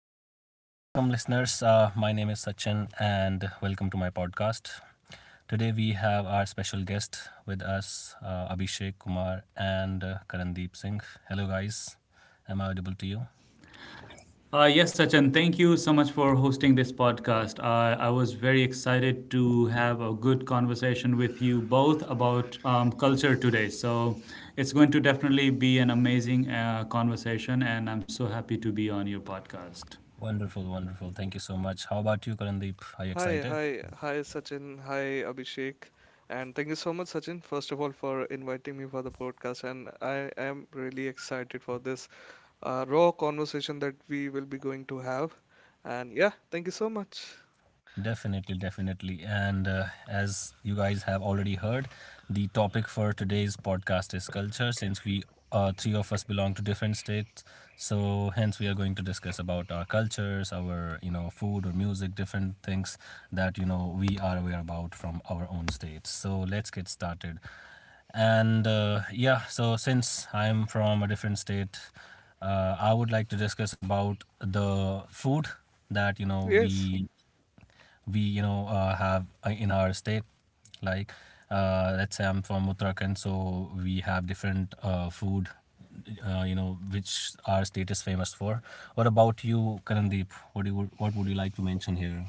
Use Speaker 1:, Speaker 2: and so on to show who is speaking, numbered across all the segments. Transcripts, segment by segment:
Speaker 1: All right, welcome listeners. My name is Sachin and welcome to my podcast. Today we have our special guest with us, Abhishek Kumar and Karandeep Singh. Hello, guys. Am I audible to you?
Speaker 2: Yes, Sachin, thank you so much for hosting this podcast. I was very excited to have a good conversation with you both about culture today. So it's going to definitely be an amazing conversation, and I'm so happy to be on your podcast.
Speaker 1: Wonderful, wonderful. Thank you so much. How about you, Karandeep? Are you
Speaker 3: Hi,
Speaker 1: excited?
Speaker 3: hi, hi, Sachin. Hi, Abhishek. And thank you so much, Sachin, first of all, for inviting me for the podcast. And I am really excited for this raw conversation that we will be going to have. And yeah, thank you so much.
Speaker 1: Definitely, definitely. And as you guys have already heard, the topic for today's podcast is culture, since we three of us belong to different states. So hence we are going to discuss about our cultures, our food or music, different things that we are aware about from our own states. So let's get started. So since I'm from a different state, I would like to discuss about the food that
Speaker 3: Yes.
Speaker 1: we have in our state, like, let's say I'm from Uttarakhand, so we have different food which our state is famous for. What about you, Karandeep? What would you like to mention here?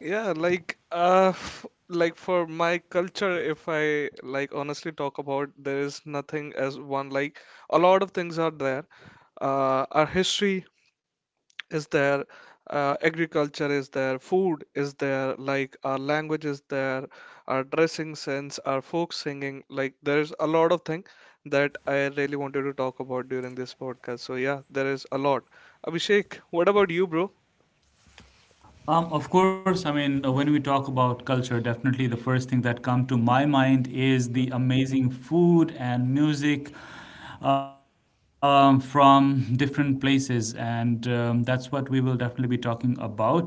Speaker 3: Yeah, like like for my culture, if I, like, honestly talk about, there is nothing as one, like a lot of things are there. Uh, our history is there, agriculture is there, food is there, like our language is there, our dressing sense, our folk singing, like there's a lot of thing that I really wanted to talk about during this podcast. So yeah, there is a lot. Abhishek, what about you, bro?
Speaker 2: Of course, I mean, when we talk about culture, definitely the first thing that come to my mind is the
Speaker 3: Mhm,
Speaker 2: amazing food and music from different places, and that's what we will definitely be talking about.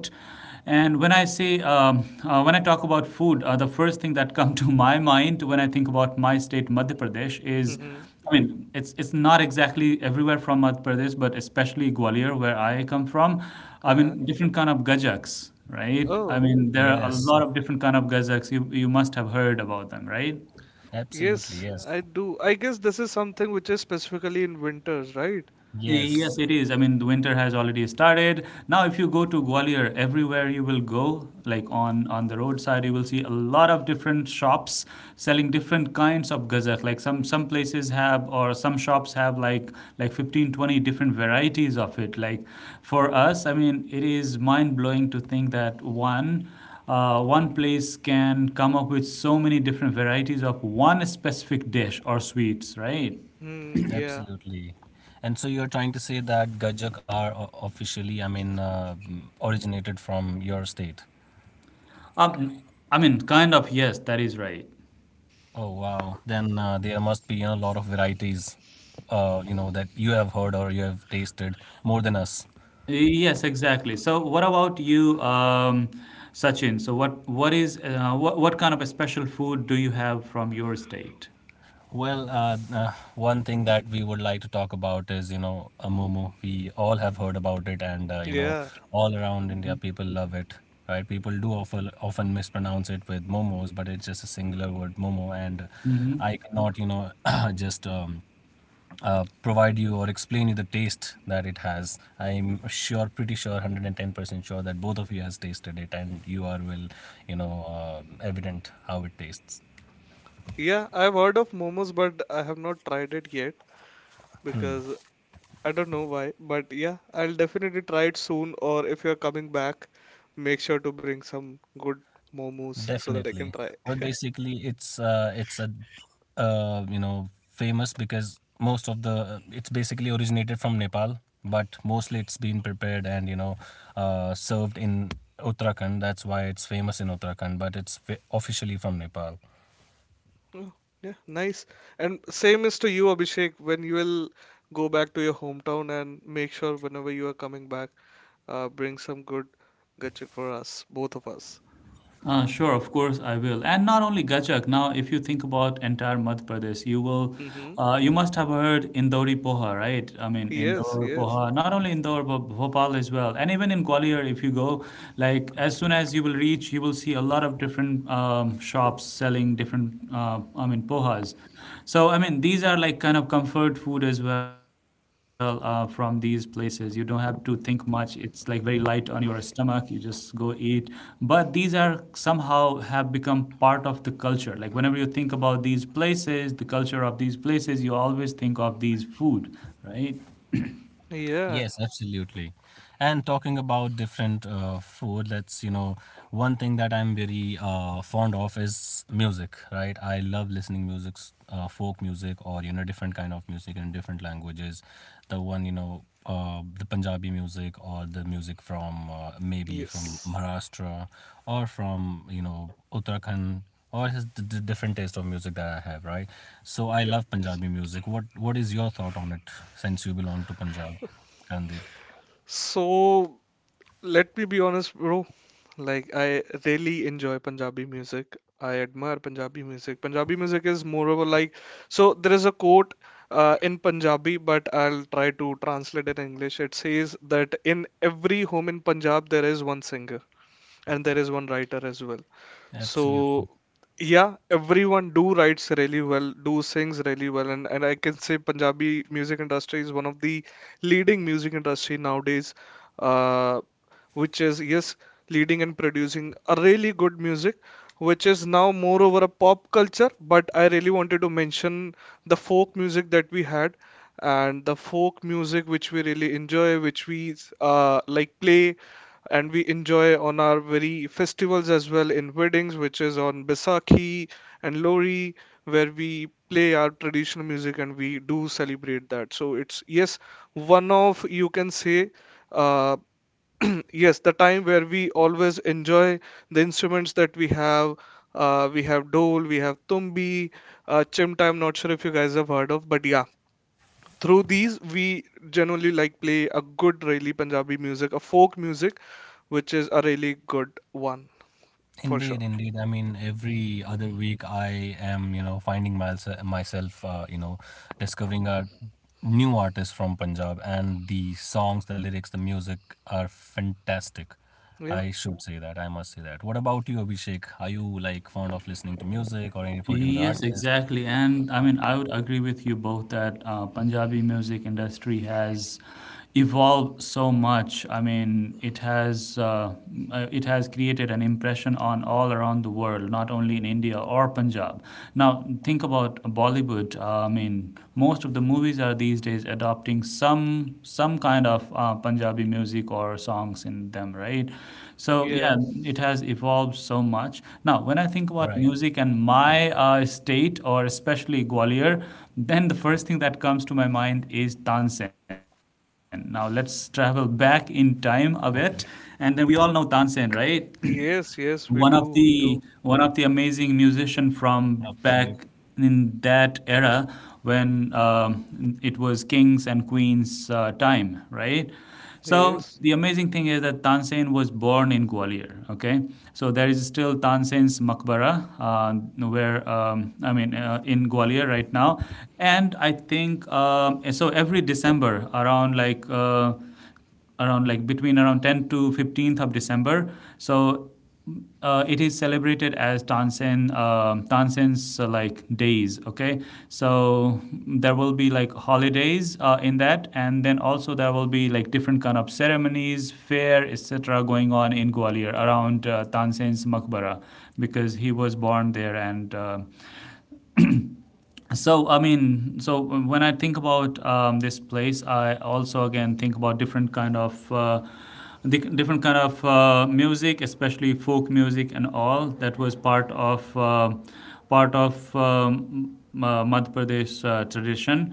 Speaker 2: And when I say when I talk about food, the first thing that comes to my mind when I think about my state, Madhya Pradesh, is
Speaker 3: mhm,
Speaker 2: I mean, it's not exactly everywhere from Madhya Pradesh, but especially Gwalior, where I come from. I
Speaker 3: uh-huh.
Speaker 2: mean, different kind of gajaks, right? I
Speaker 3: Oh,
Speaker 2: mean, there are a
Speaker 1: Yes,
Speaker 2: lot of different kind of gajaks. You must have heard about them, right?
Speaker 1: absolutely,
Speaker 3: yes,
Speaker 1: yes.
Speaker 3: I do. I guess this is something which is specifically in winters, right?
Speaker 1: Yes,
Speaker 2: Yes, it is. I mean, the winter has already started. Now, if you go to Gwalior, everywhere you will go, like on the roadside, you will see a lot of different shops selling different kinds of gazak. Like some places have or some shops have like 15-20 different varieties of it. Like for us, I mean, it is mind-blowing to think that one place can come up with so many different varieties of one specific dish or sweets, right?
Speaker 3: Hmm, yeah,
Speaker 1: absolutely. And so you're trying to say that gajak are officially, I mean, originated from your state?
Speaker 2: Um, kind of, yes, that is right.
Speaker 1: Oh wow. Then there must be, you know, a lot of varieties, you know, that you have heard or you have tasted more than us.
Speaker 2: Yes, exactly. So, what about you, Sachin? So, what is what kind of a special food do you have from your state?
Speaker 1: Well, one thing that we would like to talk about is, you know, a momo. We all have heard about it, and, you know,
Speaker 3: yeah,
Speaker 1: all around India people love it. Right? People do often mispronounce it with momos, but it's just a singular word, momo, and
Speaker 2: Hmm
Speaker 1: I cannot, you know, just provide you or explain you the taste that it has. I'm sure, pretty sure, 110% sure that both of you has tasted it and you are, well, you know, evident how it tastes.
Speaker 3: yeah. I've heard of momos, but I have not tried it yet because I don't know why, but yeah, I'll definitely try it soon. Or if you're coming back, make sure to bring some good momos so that I
Speaker 1: Definitely.
Speaker 3: can try.
Speaker 1: Well, basically, it's a you know famous because most of the it's basically originated from Nepal, but mostly it's been prepared and, you know, served in Uttarakhand. That's why it's famous in Uttarakhand, but it's officially from Nepal.
Speaker 3: Oh, yeah, nice. And same is to you, Abhishek, when you will go back to your hometown, and make sure whenever you are coming back, bring some good gachuk for us, both of us.
Speaker 2: Sure, of course I will. And not only Gachak. Now, if you think about entire Madhya Pradesh, you will,
Speaker 3: Mm-hmm.
Speaker 2: you must have heard Indori Poha, right? I mean,
Speaker 3: Yes,
Speaker 2: Indore
Speaker 3: yes.
Speaker 2: Poha. Not only Indore, but Bhopal as well. And even in Gwalior, if you go, like as soon as you will reach, you will see a lot of different shops selling different. I mean, pohas was. So, I mean, these are like kind of comfort food as well from these places. You don't have to think much. It's like very light on your stomach. You just go eat. But these are somehow have become part of the culture. Like, whenever you think about these places, the culture of these places, you always think of these food, right?
Speaker 3: Yeah,
Speaker 1: Yes, absolutely. And talking about different food, that's, you know, one thing that I'm very fond of is music, right? I love listening music, folk music, or, you know, different kind of music in different languages. The one, the Punjabi music, or the music from, maybe from
Speaker 3: yes.
Speaker 1: Maharashtra, or from, you know, Uttarakhand. Or just the different taste of music that I have, right? So I
Speaker 3: Yep.
Speaker 1: love Punjabi music. What is your thought on it, since you belong to Punjab? Gandhi.
Speaker 3: So, let me be honest, bro. Like, I really enjoy Punjabi music. I admire Punjabi music. Punjabi music is moreover like, so there is a quote in Punjabi, but I'll try to translate it in English. It says that in every home in Punjab, there is one singer and there is one writer as well. So
Speaker 1: Absolutely.
Speaker 3: yeah, everyone do writes really well, do sings really well, and, I can say Punjabi music industry is one of the leading music industry nowadays, uh, which is, yes, leading and producing a really good music, which is now more over a pop culture. But I really wanted to mention the folk music that we had. And the folk music which we really enjoy, which we like play, and we enjoy on our very festivals as well in weddings, which is on Baisakhi and Lori, where we play our traditional music and we do celebrate that. So it's, yes, one of, you can say, uh, yes, the time where we always enjoy the instruments that we have. We have dole, we have tumbi, chimta. I'm not sure if you guys have heard of, but yeah, through these we generally like play a good really Punjabi music, a folk music which is a really good one for sure.
Speaker 1: Indeed, indeed. I mean, every other week I am, you know, finding myself you know, discovering a new artist from Punjab, and the songs, the lyrics, the music are fantastic.
Speaker 3: Yeah.
Speaker 1: I should say that. I must say that. What about you, Abhishek? Are you like fond of listening to music or any particular
Speaker 2: Yes,
Speaker 1: artist?
Speaker 2: exactly. And I mean, I would agree with you both that Punjabi music industry has evolved so much. I mean, it has created an impression on all around the world, not only in India or Punjab. Now, think about Bollywood. I mean, most of the movies are these days adopting having some kind of Punjabi music or songs in them, right? So
Speaker 3: Yeah.
Speaker 2: yeah,
Speaker 1: Right.
Speaker 2: it has evolved so much. Now, when I think about music and my state, or especially Gwalior, then the first thing that comes to my mind is Tansen. Now let's travel back
Speaker 1: Okay.
Speaker 2: in time a bit, and then we all know Tansen, right?
Speaker 3: Yes,
Speaker 2: one
Speaker 3: yes,
Speaker 2: of
Speaker 3: we do, we
Speaker 2: the
Speaker 3: do.
Speaker 2: one
Speaker 1: Absolutely.
Speaker 2: of the amazing musician from back in that era when it was kings and queens time, right? So
Speaker 3: Yes.
Speaker 2: the amazing thing is that Tansen was born in Gwalior. Okay, so there is still Tansen's maqbara where in Gwalior right now, and I think Every December, around like between around 10 to 15th of December. So it is celebrated as Tansen's like days. Okay, so there will be like holidays in that, and then also there will be like different kind of ceremonies, fair, etc. going on in Gwalior around Tansen's Makbara because he was born there. And. Uh, so i mean so when I think about this place, I also again think about different kind of different kind of music, especially folk music, and all that was part of part of um, madhya pradesh tradition,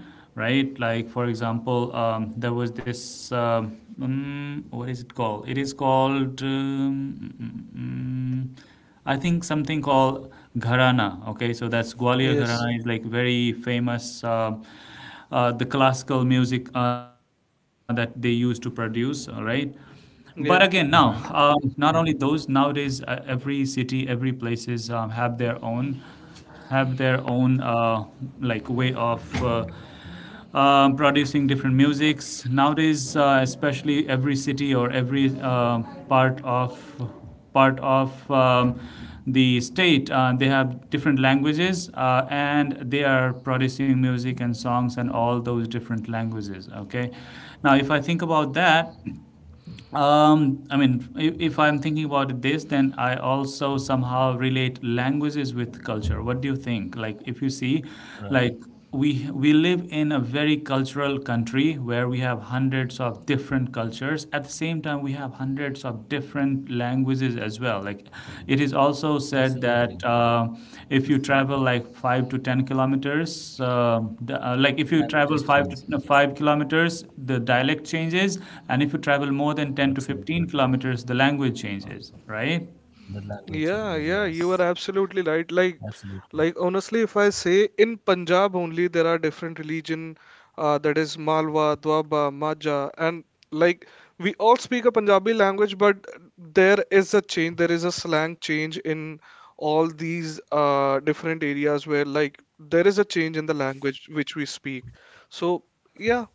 Speaker 2: right? Like for example there was this what is it called it is called mm, mm, mm, I think something called Gharana. Okay, so that's Gwalior
Speaker 3: Yes.
Speaker 2: Gharana is like very famous, the classical music that they used to produce. All right, but again, now,
Speaker 3: Yeah.
Speaker 2: not
Speaker 1: Hmm.
Speaker 2: only those, nowadays, every city, every places have their own, have their own like way of producing different musics. Nowadays, especially every city or every part of part of the state, they have different languages and they are producing music and songs and all those different languages. Okay, now if I think about that. If I'm thinking about this, then I also somehow relate languages with culture. What do you think? Like, if you see,
Speaker 1: Right.
Speaker 2: like we live in a very cultural country where we have hundreds of different cultures. At the same time, we have hundreds of different languages as well. Like it is also said
Speaker 1: Absolutely.
Speaker 2: that if you travel like 5 to 10 kilometers, uh, the, like if you
Speaker 1: The
Speaker 2: travel
Speaker 1: language
Speaker 2: five
Speaker 1: just
Speaker 2: to no,
Speaker 1: changes.
Speaker 2: five
Speaker 1: Yes.
Speaker 2: kilometers, the dialect changes, and if you travel more than ten to fifteen
Speaker 1: Absolutely.
Speaker 2: kilometers, the language changes, right?
Speaker 1: The language changes.
Speaker 3: Yeah, yeah, you
Speaker 1: Yes.
Speaker 3: are absolutely right.
Speaker 1: Absolutely.
Speaker 3: Like honestly, if I say in Punjab only, there are different religion, that is Malwa, Dwaba, Maja, and like we all speak a Punjabi language, but there is a change, there is a slang change in all these different areas where like there is a change in the language which we speak. So yeah,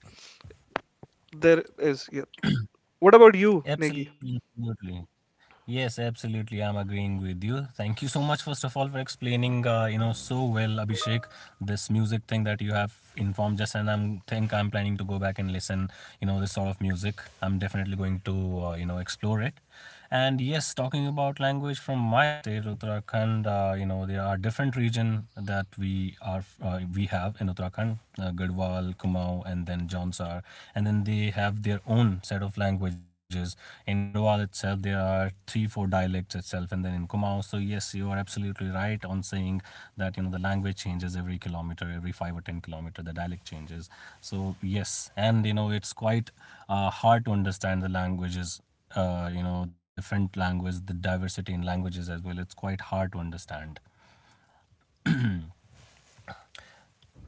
Speaker 3: there is. Yeah. What about you, Negi?
Speaker 1: Absolutely. Absolutely. Yes, absolutely. I'm agreeing with you. Thank you so much, first of all, for explaining, you know, so well, Abhishek, this music thing that you have informed just, and I'm planning to go back and listen, you know, this sort of music. I'm definitely going to, you know, explore it. And yes, talking about language from my state, Uttarakhand, you know, there are different region that we have in Uttarakhand. Garhwal, Kumaon, and then Jonsar. And then they have their own set of languages. In Garhwal itself, there are 3, 4 dialects itself, and then in Kumaon. So yes, you are absolutely right on saying that, you know, the language changes every kilometer, every 5 or 10 kilometer, the dialect changes. So yes, and, you know, it's quite hard to understand the languages, you know, the different language, the diversity in languages as well, it's quite hard to understand.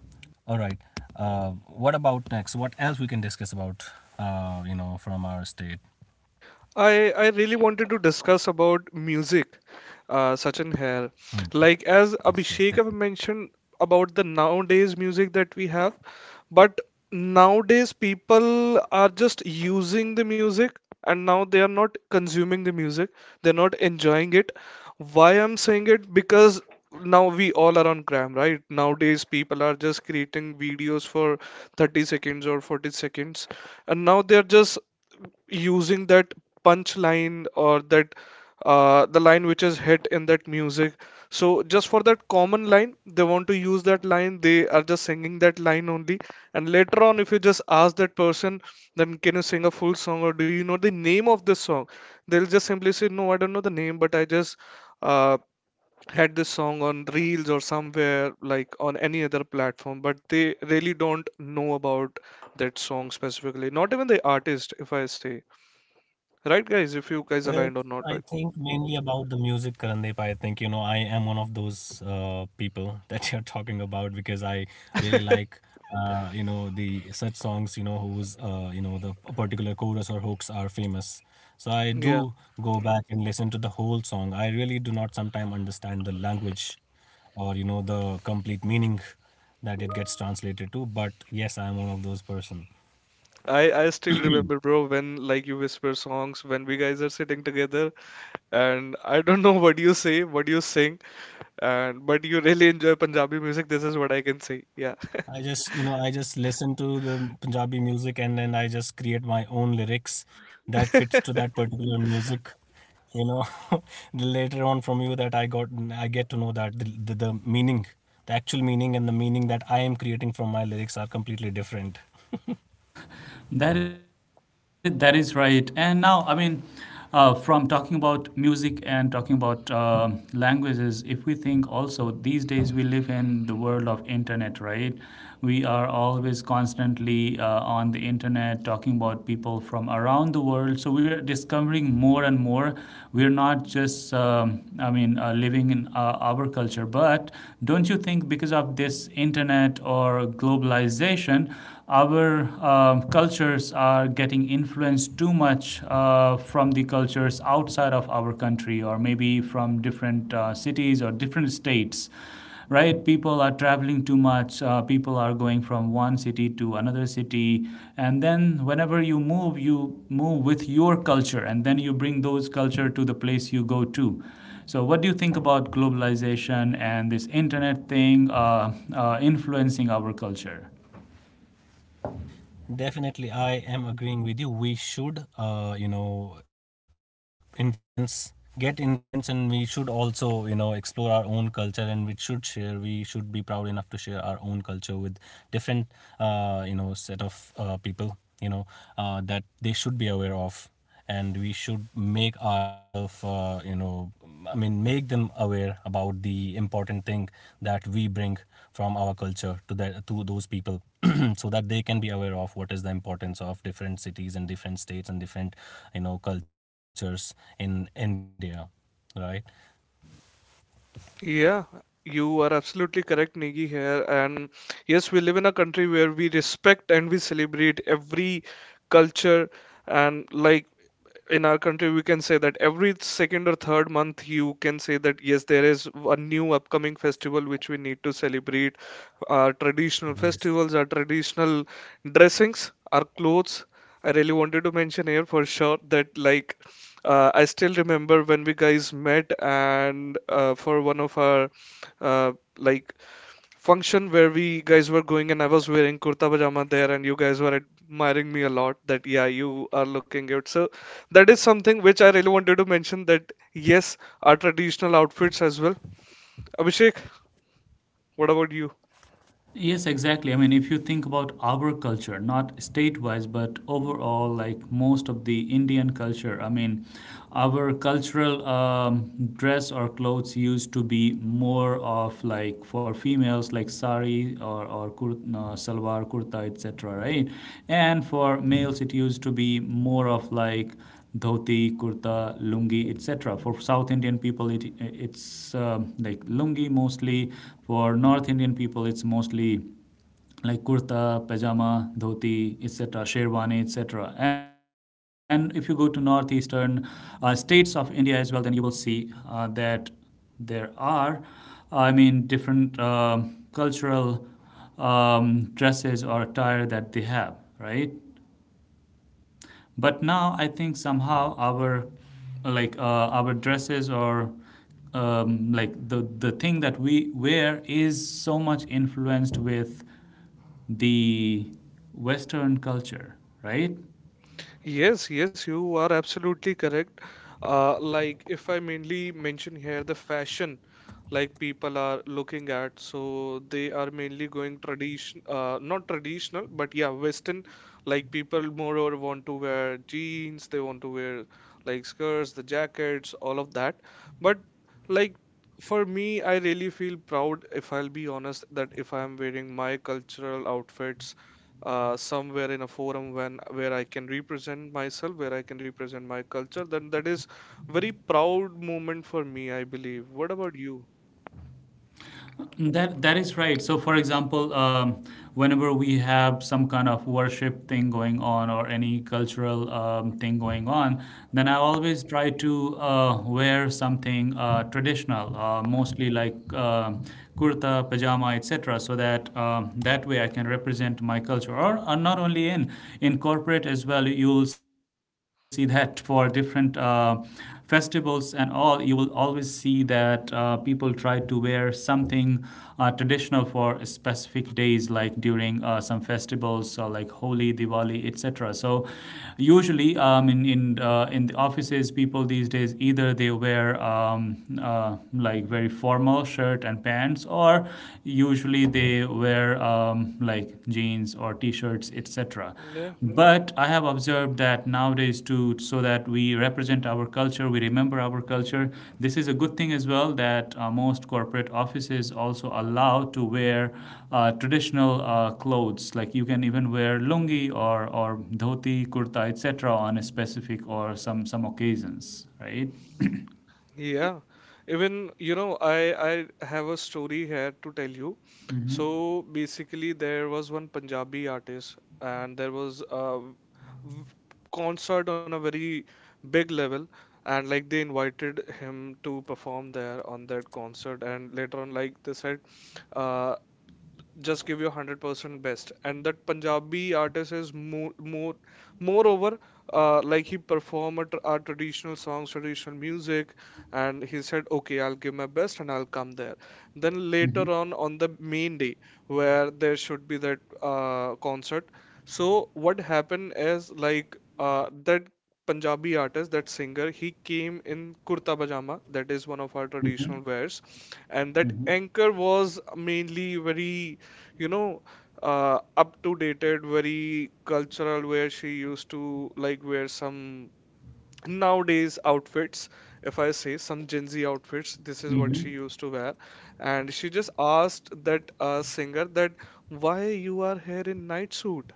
Speaker 1: All right. What about next? What else we can discuss about? You know, from our state.
Speaker 3: I really wanted to discuss about music, Sachin here. Like
Speaker 1: Yes.
Speaker 3: as
Speaker 1: Yes. Definitely.
Speaker 3: Abhishek have mentioned about the nowadays music that we have, but nowadays people are just using the music and now they are not consuming the music. They're not enjoying it. Why I'm saying it? Because now we all are on gram, right? Nowadays people are just creating videos for 30 seconds or 40 seconds, and now they are just using that punch line or that the line which is hit in that music. So just for that common line, they want to use that line. They are just singing that line only. And later on, if you just ask that person, then can you sing a full song or do you know the name of this song? They'll just simply say, no, I don't know the name, but I just uh, had this song on Reels or somewhere like on any other platform. But they really don't know about that song specifically. Not even the artist, if I say. Right, guys, if you
Speaker 1: Well,
Speaker 3: guys aligned or
Speaker 1: I
Speaker 3: not.
Speaker 1: think
Speaker 3: Like-
Speaker 1: mainly about the music, Karandeep. I think, you know, I am one of those people that you're talking about, because I really like, you know, the such songs, you know, whose, you know, the a particular chorus or hooks are famous. So I
Speaker 3: Yeah.
Speaker 1: do go back and listen to the whole song. I really do not sometimes understand the language or, you know, the complete meaning that it gets translated to. But yes, I'm one of those person.
Speaker 3: I still remember, bro, when like you whisper songs when we guys are sitting together and I don't know what you say, what you sing, and but you really enjoy Punjabi music. This is what I can say. Yeah.
Speaker 1: I just, you know, I just listen to the Punjabi music and then I just create my own lyrics that fits to that particular music. You know, the later on from you that I got, I get to know that the meaning, the actual meaning, and the meaning that I am creating from my lyrics are completely different.
Speaker 2: That is right. And now, I mean, from talking about music and talking about languages, if we think also these days we live in the world of internet, right? We are always constantly on the internet talking about people from around the world. So we are discovering more and more. We're not just living in our culture, but don't you think because of this internet or globalization, our cultures are getting influenced too much from the cultures outside of our country or maybe from different cities or different states, right? People are traveling too much. People are going from one city to another city, and then whenever you move, you move with your culture, and then you bring those culture to the place you go to. So what do you think about globalization and this internet thing influencing our culture?
Speaker 1: Definitely, I am agreeing with you. We should, you know, influence, get influence, and we should also, you know, explore our own culture, and we should share. We should be proud enough to share our own culture with different, you know, set of people, you know, that they should be aware of, and we should make ourselves, make them aware about the important thing that we bring from our culture to those people so that they can be aware of what is the importance of different cities and different states and different, you know, cultures in India, right?
Speaker 3: Yeah, you are absolutely correct, Negi, here. And yes, we live in a country where we respect and we celebrate every culture, and like in our country we can say that every second or third month you can say that, yes, there is a new upcoming festival which we need to celebrate. Our traditional festivals, our
Speaker 1: Yes.
Speaker 3: traditional dressings, our clothes. I really wanted to mention here for sure that like I still remember when we guys met and for one of our like function where we guys were going, and I was wearing kurta pajama there, and you guys were admiring me a lot that, yeah, you are looking good. So that is something which I really wanted to mention, that yes, our traditional outfits as well. Abhishek, what about you?
Speaker 2: Yes, exactly. I mean, if you think about our culture, not state wise, but overall, like most of the Indian culture, I mean, our cultural dress or clothes used to be more of like for females, like sari or kur, salwar, kurta, etc., right? And for males, it used to be more of like dhoti, kurta, lungi, etc. For South Indian people, it's like lungi mostly. For North Indian people, it's mostly like kurta, pajama, dhoti, etc., sherwani, etc. And if you go to northeastern states of India as well, then you will see that there are, I mean, different cultural dresses or attire that they have, right? But now I think somehow our our dresses or like the thing that we wear is so much influenced with the western culture, right?
Speaker 3: Yes, yes, you are absolutely correct. Like, if I mainly mention here the fashion, like people are looking at, so they are mainly going tradition, not traditional, but yeah, Western. Like people moreover want to wear jeans, they want to wear like skirts, the jackets, all of that. But like for me, I really feel proud, if I'll be honest, that if I'm wearing my cultural outfits somewhere in a forum when where I can represent myself, where I can represent my culture, then that is very proud moment for me, I believe. What about you?
Speaker 2: That that is right. So, for example, whenever we have some kind of worship thing going on or any cultural thing going on, then I always try to wear something traditional, mostly like kurta, pajama, etc., so that that way I can represent my culture. Or not only in corporate as well, you will see that for different. Festivals and all, you will always see that people try to wear something traditional for specific days, like during some festivals like Holi, Diwali, etc. So, usually in the offices, people these days either they wear like very formal shirt and pants, or usually they wear like jeans or t-shirts, etc.
Speaker 3: Yeah.
Speaker 2: But I have observed that nowadays too, so that we represent our culture, we remember our culture. This is a good thing as well that most corporate offices also allow to wear traditional clothes. Like you can even wear lungi or dhoti, kurta, etc. on a specific or some occasions, right?
Speaker 3: Yeah. Even, you know, I have a story here to tell you.
Speaker 2: Mm-hmm.
Speaker 3: So basically there was one Punjabi artist and there was a v- concert on a very big level, and like they invited him to perform there on that concert, and later on like they said, uh, just give your 100% best, and that Punjabi artist is moreover like he perform at our traditional songs, traditional music, and he said okay, I'll give my best and I'll come there. Then
Speaker 2: Mm-hmm.
Speaker 3: later on the main day where there should be that concert, so what happened is like that Punjabi artist, that singer, he came in kurta pajama, that is one of our traditional wears, and
Speaker 2: Mm-hmm.
Speaker 3: that anchor was mainly very, you know, up to dated, very cultural, where she used to like wear some nowadays outfits. If I say some Gen Z outfits, this is what
Speaker 2: Mm-hmm.
Speaker 3: she used to wear, and she just asked that singer that why you are here in night suit,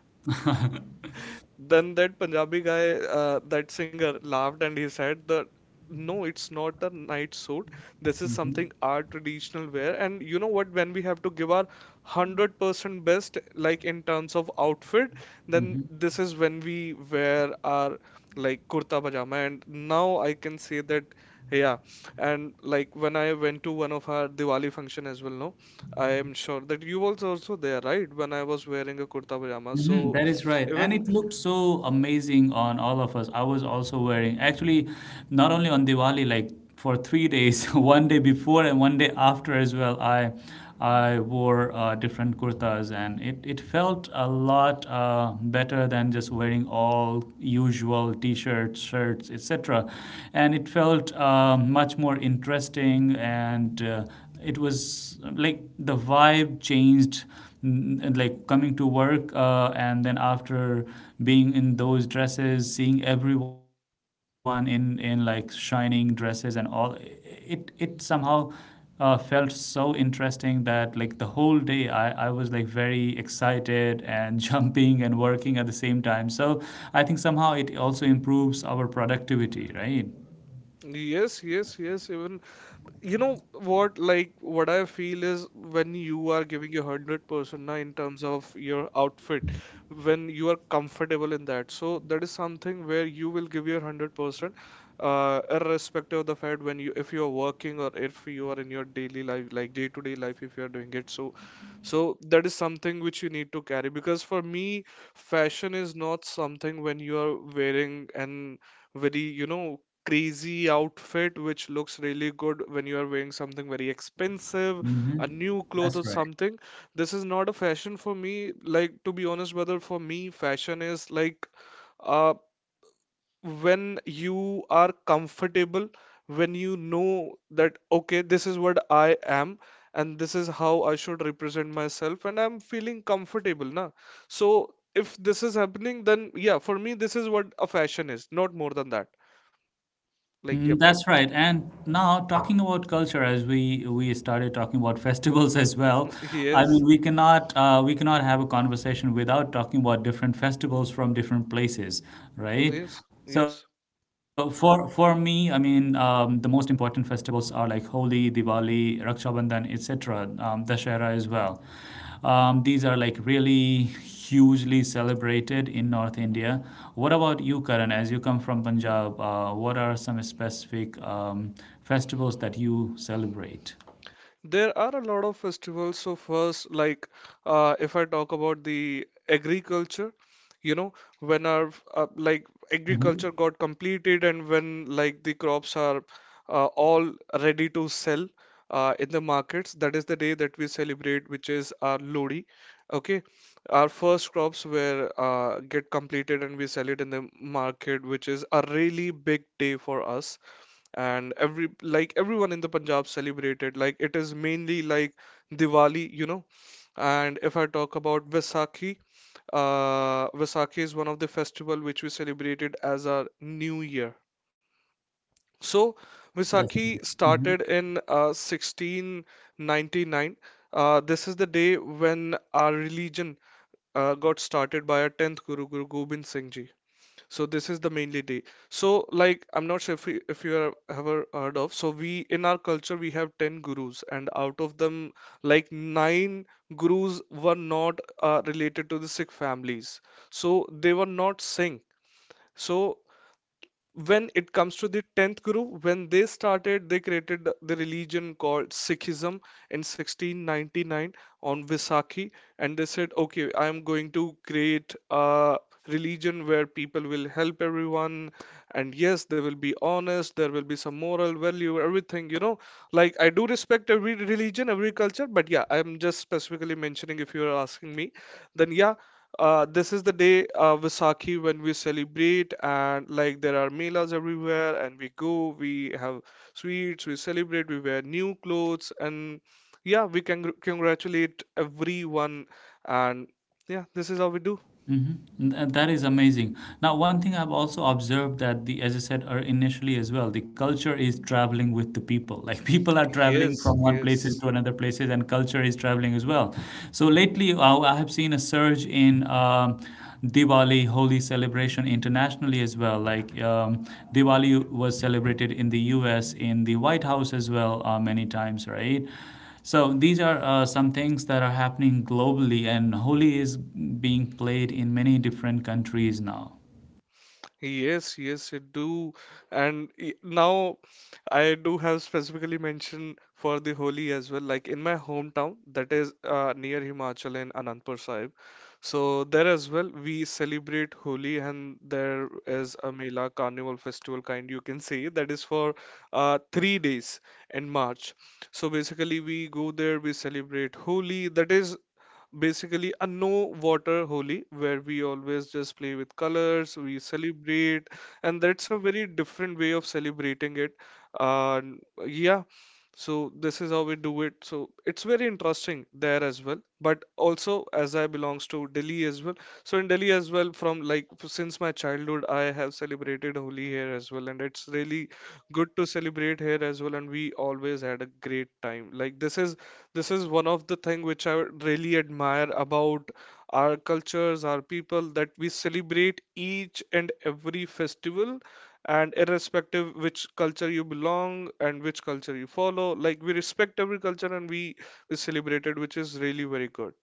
Speaker 3: then that Punjabi guy, that singer, laughed and he said that no, it's not a night suit. This is
Speaker 2: Mm-hmm.
Speaker 3: something our traditional wear. And you know what? When we have to give our 100% best, like in terms of outfit, then this is when we wear our like kurta pajama. And now I can say that, yeah. And like when I went to one of our Diwali function as well, no, I am sure that you was also there, right? When I was wearing a kurta pajama.
Speaker 2: Mhm,
Speaker 3: So
Speaker 2: that is right. And
Speaker 3: even,
Speaker 2: it looked so amazing on all of us. I was also wearing, actually, not only on Diwali, like for 3 days, one day before and one day after as well, I wore different kurtas and it felt a lot better than just wearing all usual t-shirts, shirts, etc. And it felt much more interesting and it was like the vibe changed like coming to work and then after being in those dresses, seeing everyone in like shining dresses and all, it somehow felt so interesting that like the whole day I was like very excited and jumping and working at the same time. So I think somehow it also improves our productivity, right?
Speaker 3: yes, yes, yes. Even you know what, like what I feel is when you are giving your 100% na in terms of your outfit, when you are comfortable in that. So that is something where you will give your 100%, irrespective of the fact when you if you are working or if you are in your daily life, like day to day life, if you are doing it. So, so that is something which you need to carry because for me, fashion is not something when you are wearing and very, you know, crazy outfit which looks really good, when you are wearing something very expensive, a new cloth or something. This is not a fashion for me. Like, to be honest, brother, for me, fashion is like uh, when you are comfortable, when you know that, okay, this is what I am. And this is how I should represent myself, and I'm feeling comfortable now. So, if this is happening, then yeah, for me, this is what a fashion is, not more than that. Like, yep,
Speaker 2: Mm, that's right. And now talking about culture, as we started talking about festivals as well, I mean
Speaker 3: yes.
Speaker 2: we cannot have a conversation without talking about different festivals from different places, right?
Speaker 3: Yes,
Speaker 2: So
Speaker 3: yes.
Speaker 2: for me, I mean the most important festivals like Holi, Diwali, Raksha Bandhan, etc., Dashera as well. These are like really hugely celebrated in North India. What about you, Karan? As you come from Punjab, what are some specific festivals that you celebrate?
Speaker 3: There are a lot of festivals. So first, like if I talk about the agriculture, you know, when our like
Speaker 2: Hmm
Speaker 3: agriculture got completed and when like the crops are all ready to sell in the markets, that is the day that we celebrate, which is our Lodi. Okay, our first crops were get completed and we sell it in the market, which is a really big day for us and everyone in the Punjab celebrated like it is mainly like Diwali, you know. And if I talk about Vaisakhi, Vaisakhi is one of the festival which we celebrated as our New Year. So,
Speaker 2: That's
Speaker 3: Vaisakhi started
Speaker 2: Mhm.
Speaker 3: in 1699. This is the day when our religion got started by our 10th Guru, Guru Gobind Singh Ji. So this is the mainly day. So like I'm not sure if you have ever heard of. So we in our culture we have 10 gurus and out of them like nine gurus were not related to the Sikh families. So they were not Singh. So when it comes to the 10th guru, when they started, they created the religion called Sikhism in 1699 on Vaisakhi, and they said, okay, I am going to create a religion where people will help everyone, and yes, they will be honest, there will be some moral value, everything, you know, like I do respect every religion, every culture, but yeah, I'm just specifically mentioning, if you are asking me, then yeah, this is the day, Vaisakhi, when we celebrate, and like there are melas everywhere and we go, we have sweets, we celebrate, we wear new clothes, and yeah, we can congratulate everyone, and yeah, this is how we do.
Speaker 2: Mm-hmm. Th- That is amazing. Now, one thing I've also observed that the, as I said initially as well, the culture is traveling with the people. Like people are traveling from
Speaker 3: Yes,
Speaker 2: one places to
Speaker 3: yes.
Speaker 2: another places, and culture is traveling as well. So lately, I have seen a surge in Diwali, Holy celebration internationally as well. Like Diwali was celebrated in the U.S. in the White House as well many times, right? So these are some things that are happening globally, and Holi is being played in many different countries now.
Speaker 3: Yes, yes, it do. And now I do have specifically mentioned for the Holi as well. Like in my hometown, that is near Himachal in Anandpur Sahib. So there as well, we celebrate Holi, and there is a Mela Carnival festival kind, you can say, that is for three days in March. So basically, we go there, we celebrate Holi. That is basically a no water Holi where we always just play with colors, we celebrate, and that's a very different way of celebrating it. And yeah, so this is how we do it. So it's very interesting there as well. But also, as I belongs to Delhi as well. So in Delhi as well, from like since my childhood, I have celebrated Holi here as well, and it's really good to celebrate here as well. And we always had a great time. Like this is one of the thing which I really admire about our cultures, our people, that we celebrate each and every festival, and irrespective which culture you belong and which culture you follow, like we respect every culture and we celebrate it, which is really very good.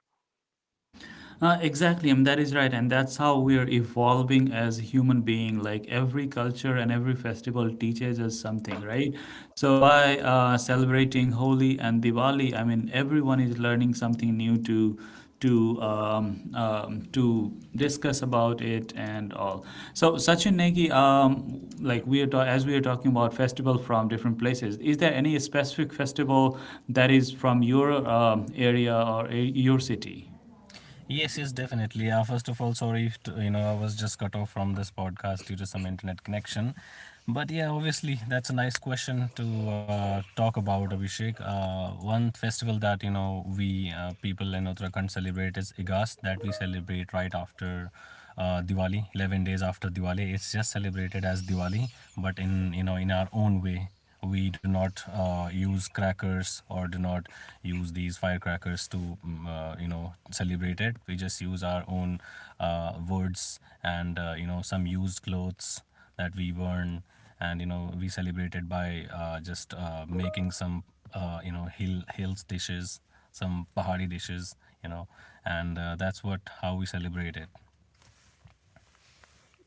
Speaker 2: Exactly, I mean that is right, and that's how we are evolving as human being. Like every culture and every festival teaches us something, right? So by celebrating Holi and Diwali, I mean everyone is learning something new to to discuss about it and all. So Sachin Negi, as we are talking about festival from different places, is there any specific festival that is from your your city?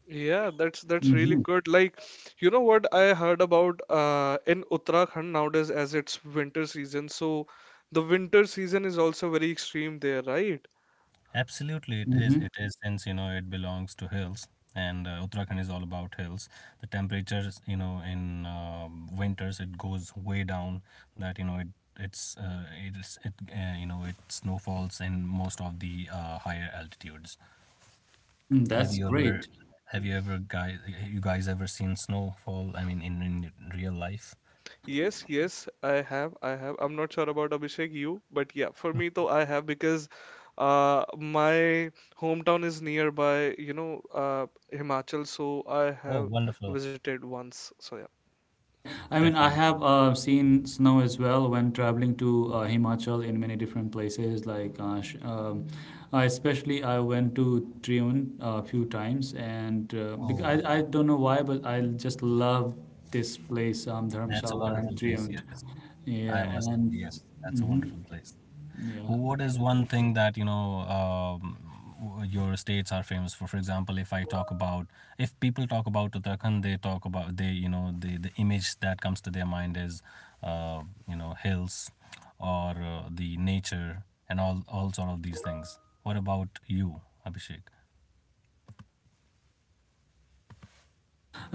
Speaker 3: Yeah, that's really good. Like, you know what I heard about in Uttarakhand nowadays, as it's winter season, so the winter season is also very extreme there, right?
Speaker 2: Mhm. Mm, that's great.
Speaker 3: Yes, yes, I have. I have. I'm not sure about Abhishek, you, but yeah, for me, though, I have, because my hometown is nearby, you know, Himachal, so I have visited once. So yeah.
Speaker 2: Mm, right. I mean, I have seen snow as well when traveling to Himachal in many different places. Like, especially I went to Triun a few times, and because I don't know why, but I just love this place, Dharamshala and Triun. Yeah, and hmm yeah.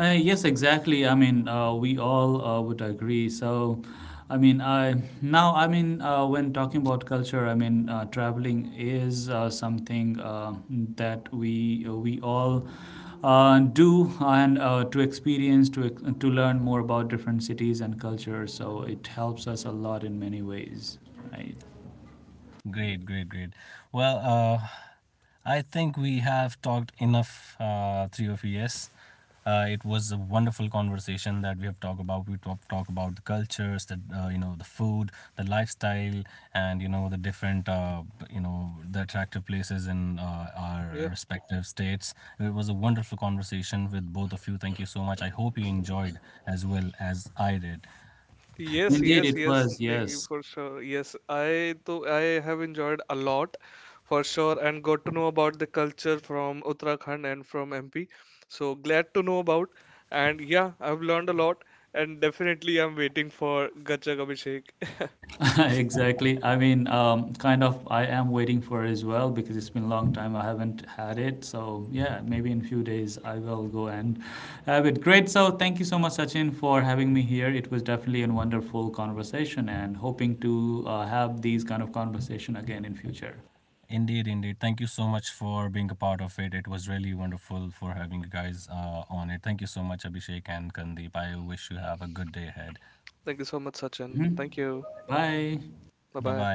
Speaker 2: Yes, exactly. I mean, we all would agree. So, I mean, I I mean, when talking about culture, I mean, traveling is something that we all do, and to experience, to ex- to learn more about different cities and cultures. So it helps us a lot in many ways. Right.
Speaker 3: Yeah. Yes,
Speaker 2: Indeed,
Speaker 3: yes,
Speaker 2: it
Speaker 3: yes,
Speaker 2: was.
Speaker 3: Nikki,
Speaker 2: Yes.
Speaker 3: for sure. Yes, I too, I have enjoyed a lot for sure and got to know about the culture from Uttarakhand and from MP. So glad to know about. And yeah, I've learned a lot, and definitely I'm waiting for Gajak Abhishek.
Speaker 2: Exactly. I mean, kind of I am waiting for it as well because it's been a long time I haven't had it. So yeah, maybe in a few days I will go and have it. Great. So thank you so much, Sachin, for having me here. It was definitely a wonderful conversation and hoping to have these kind of conversation again in future.
Speaker 3: Thank you so much, Sachin.
Speaker 2: hmm
Speaker 3: Thank you.
Speaker 2: Bye.
Speaker 3: Bye bye.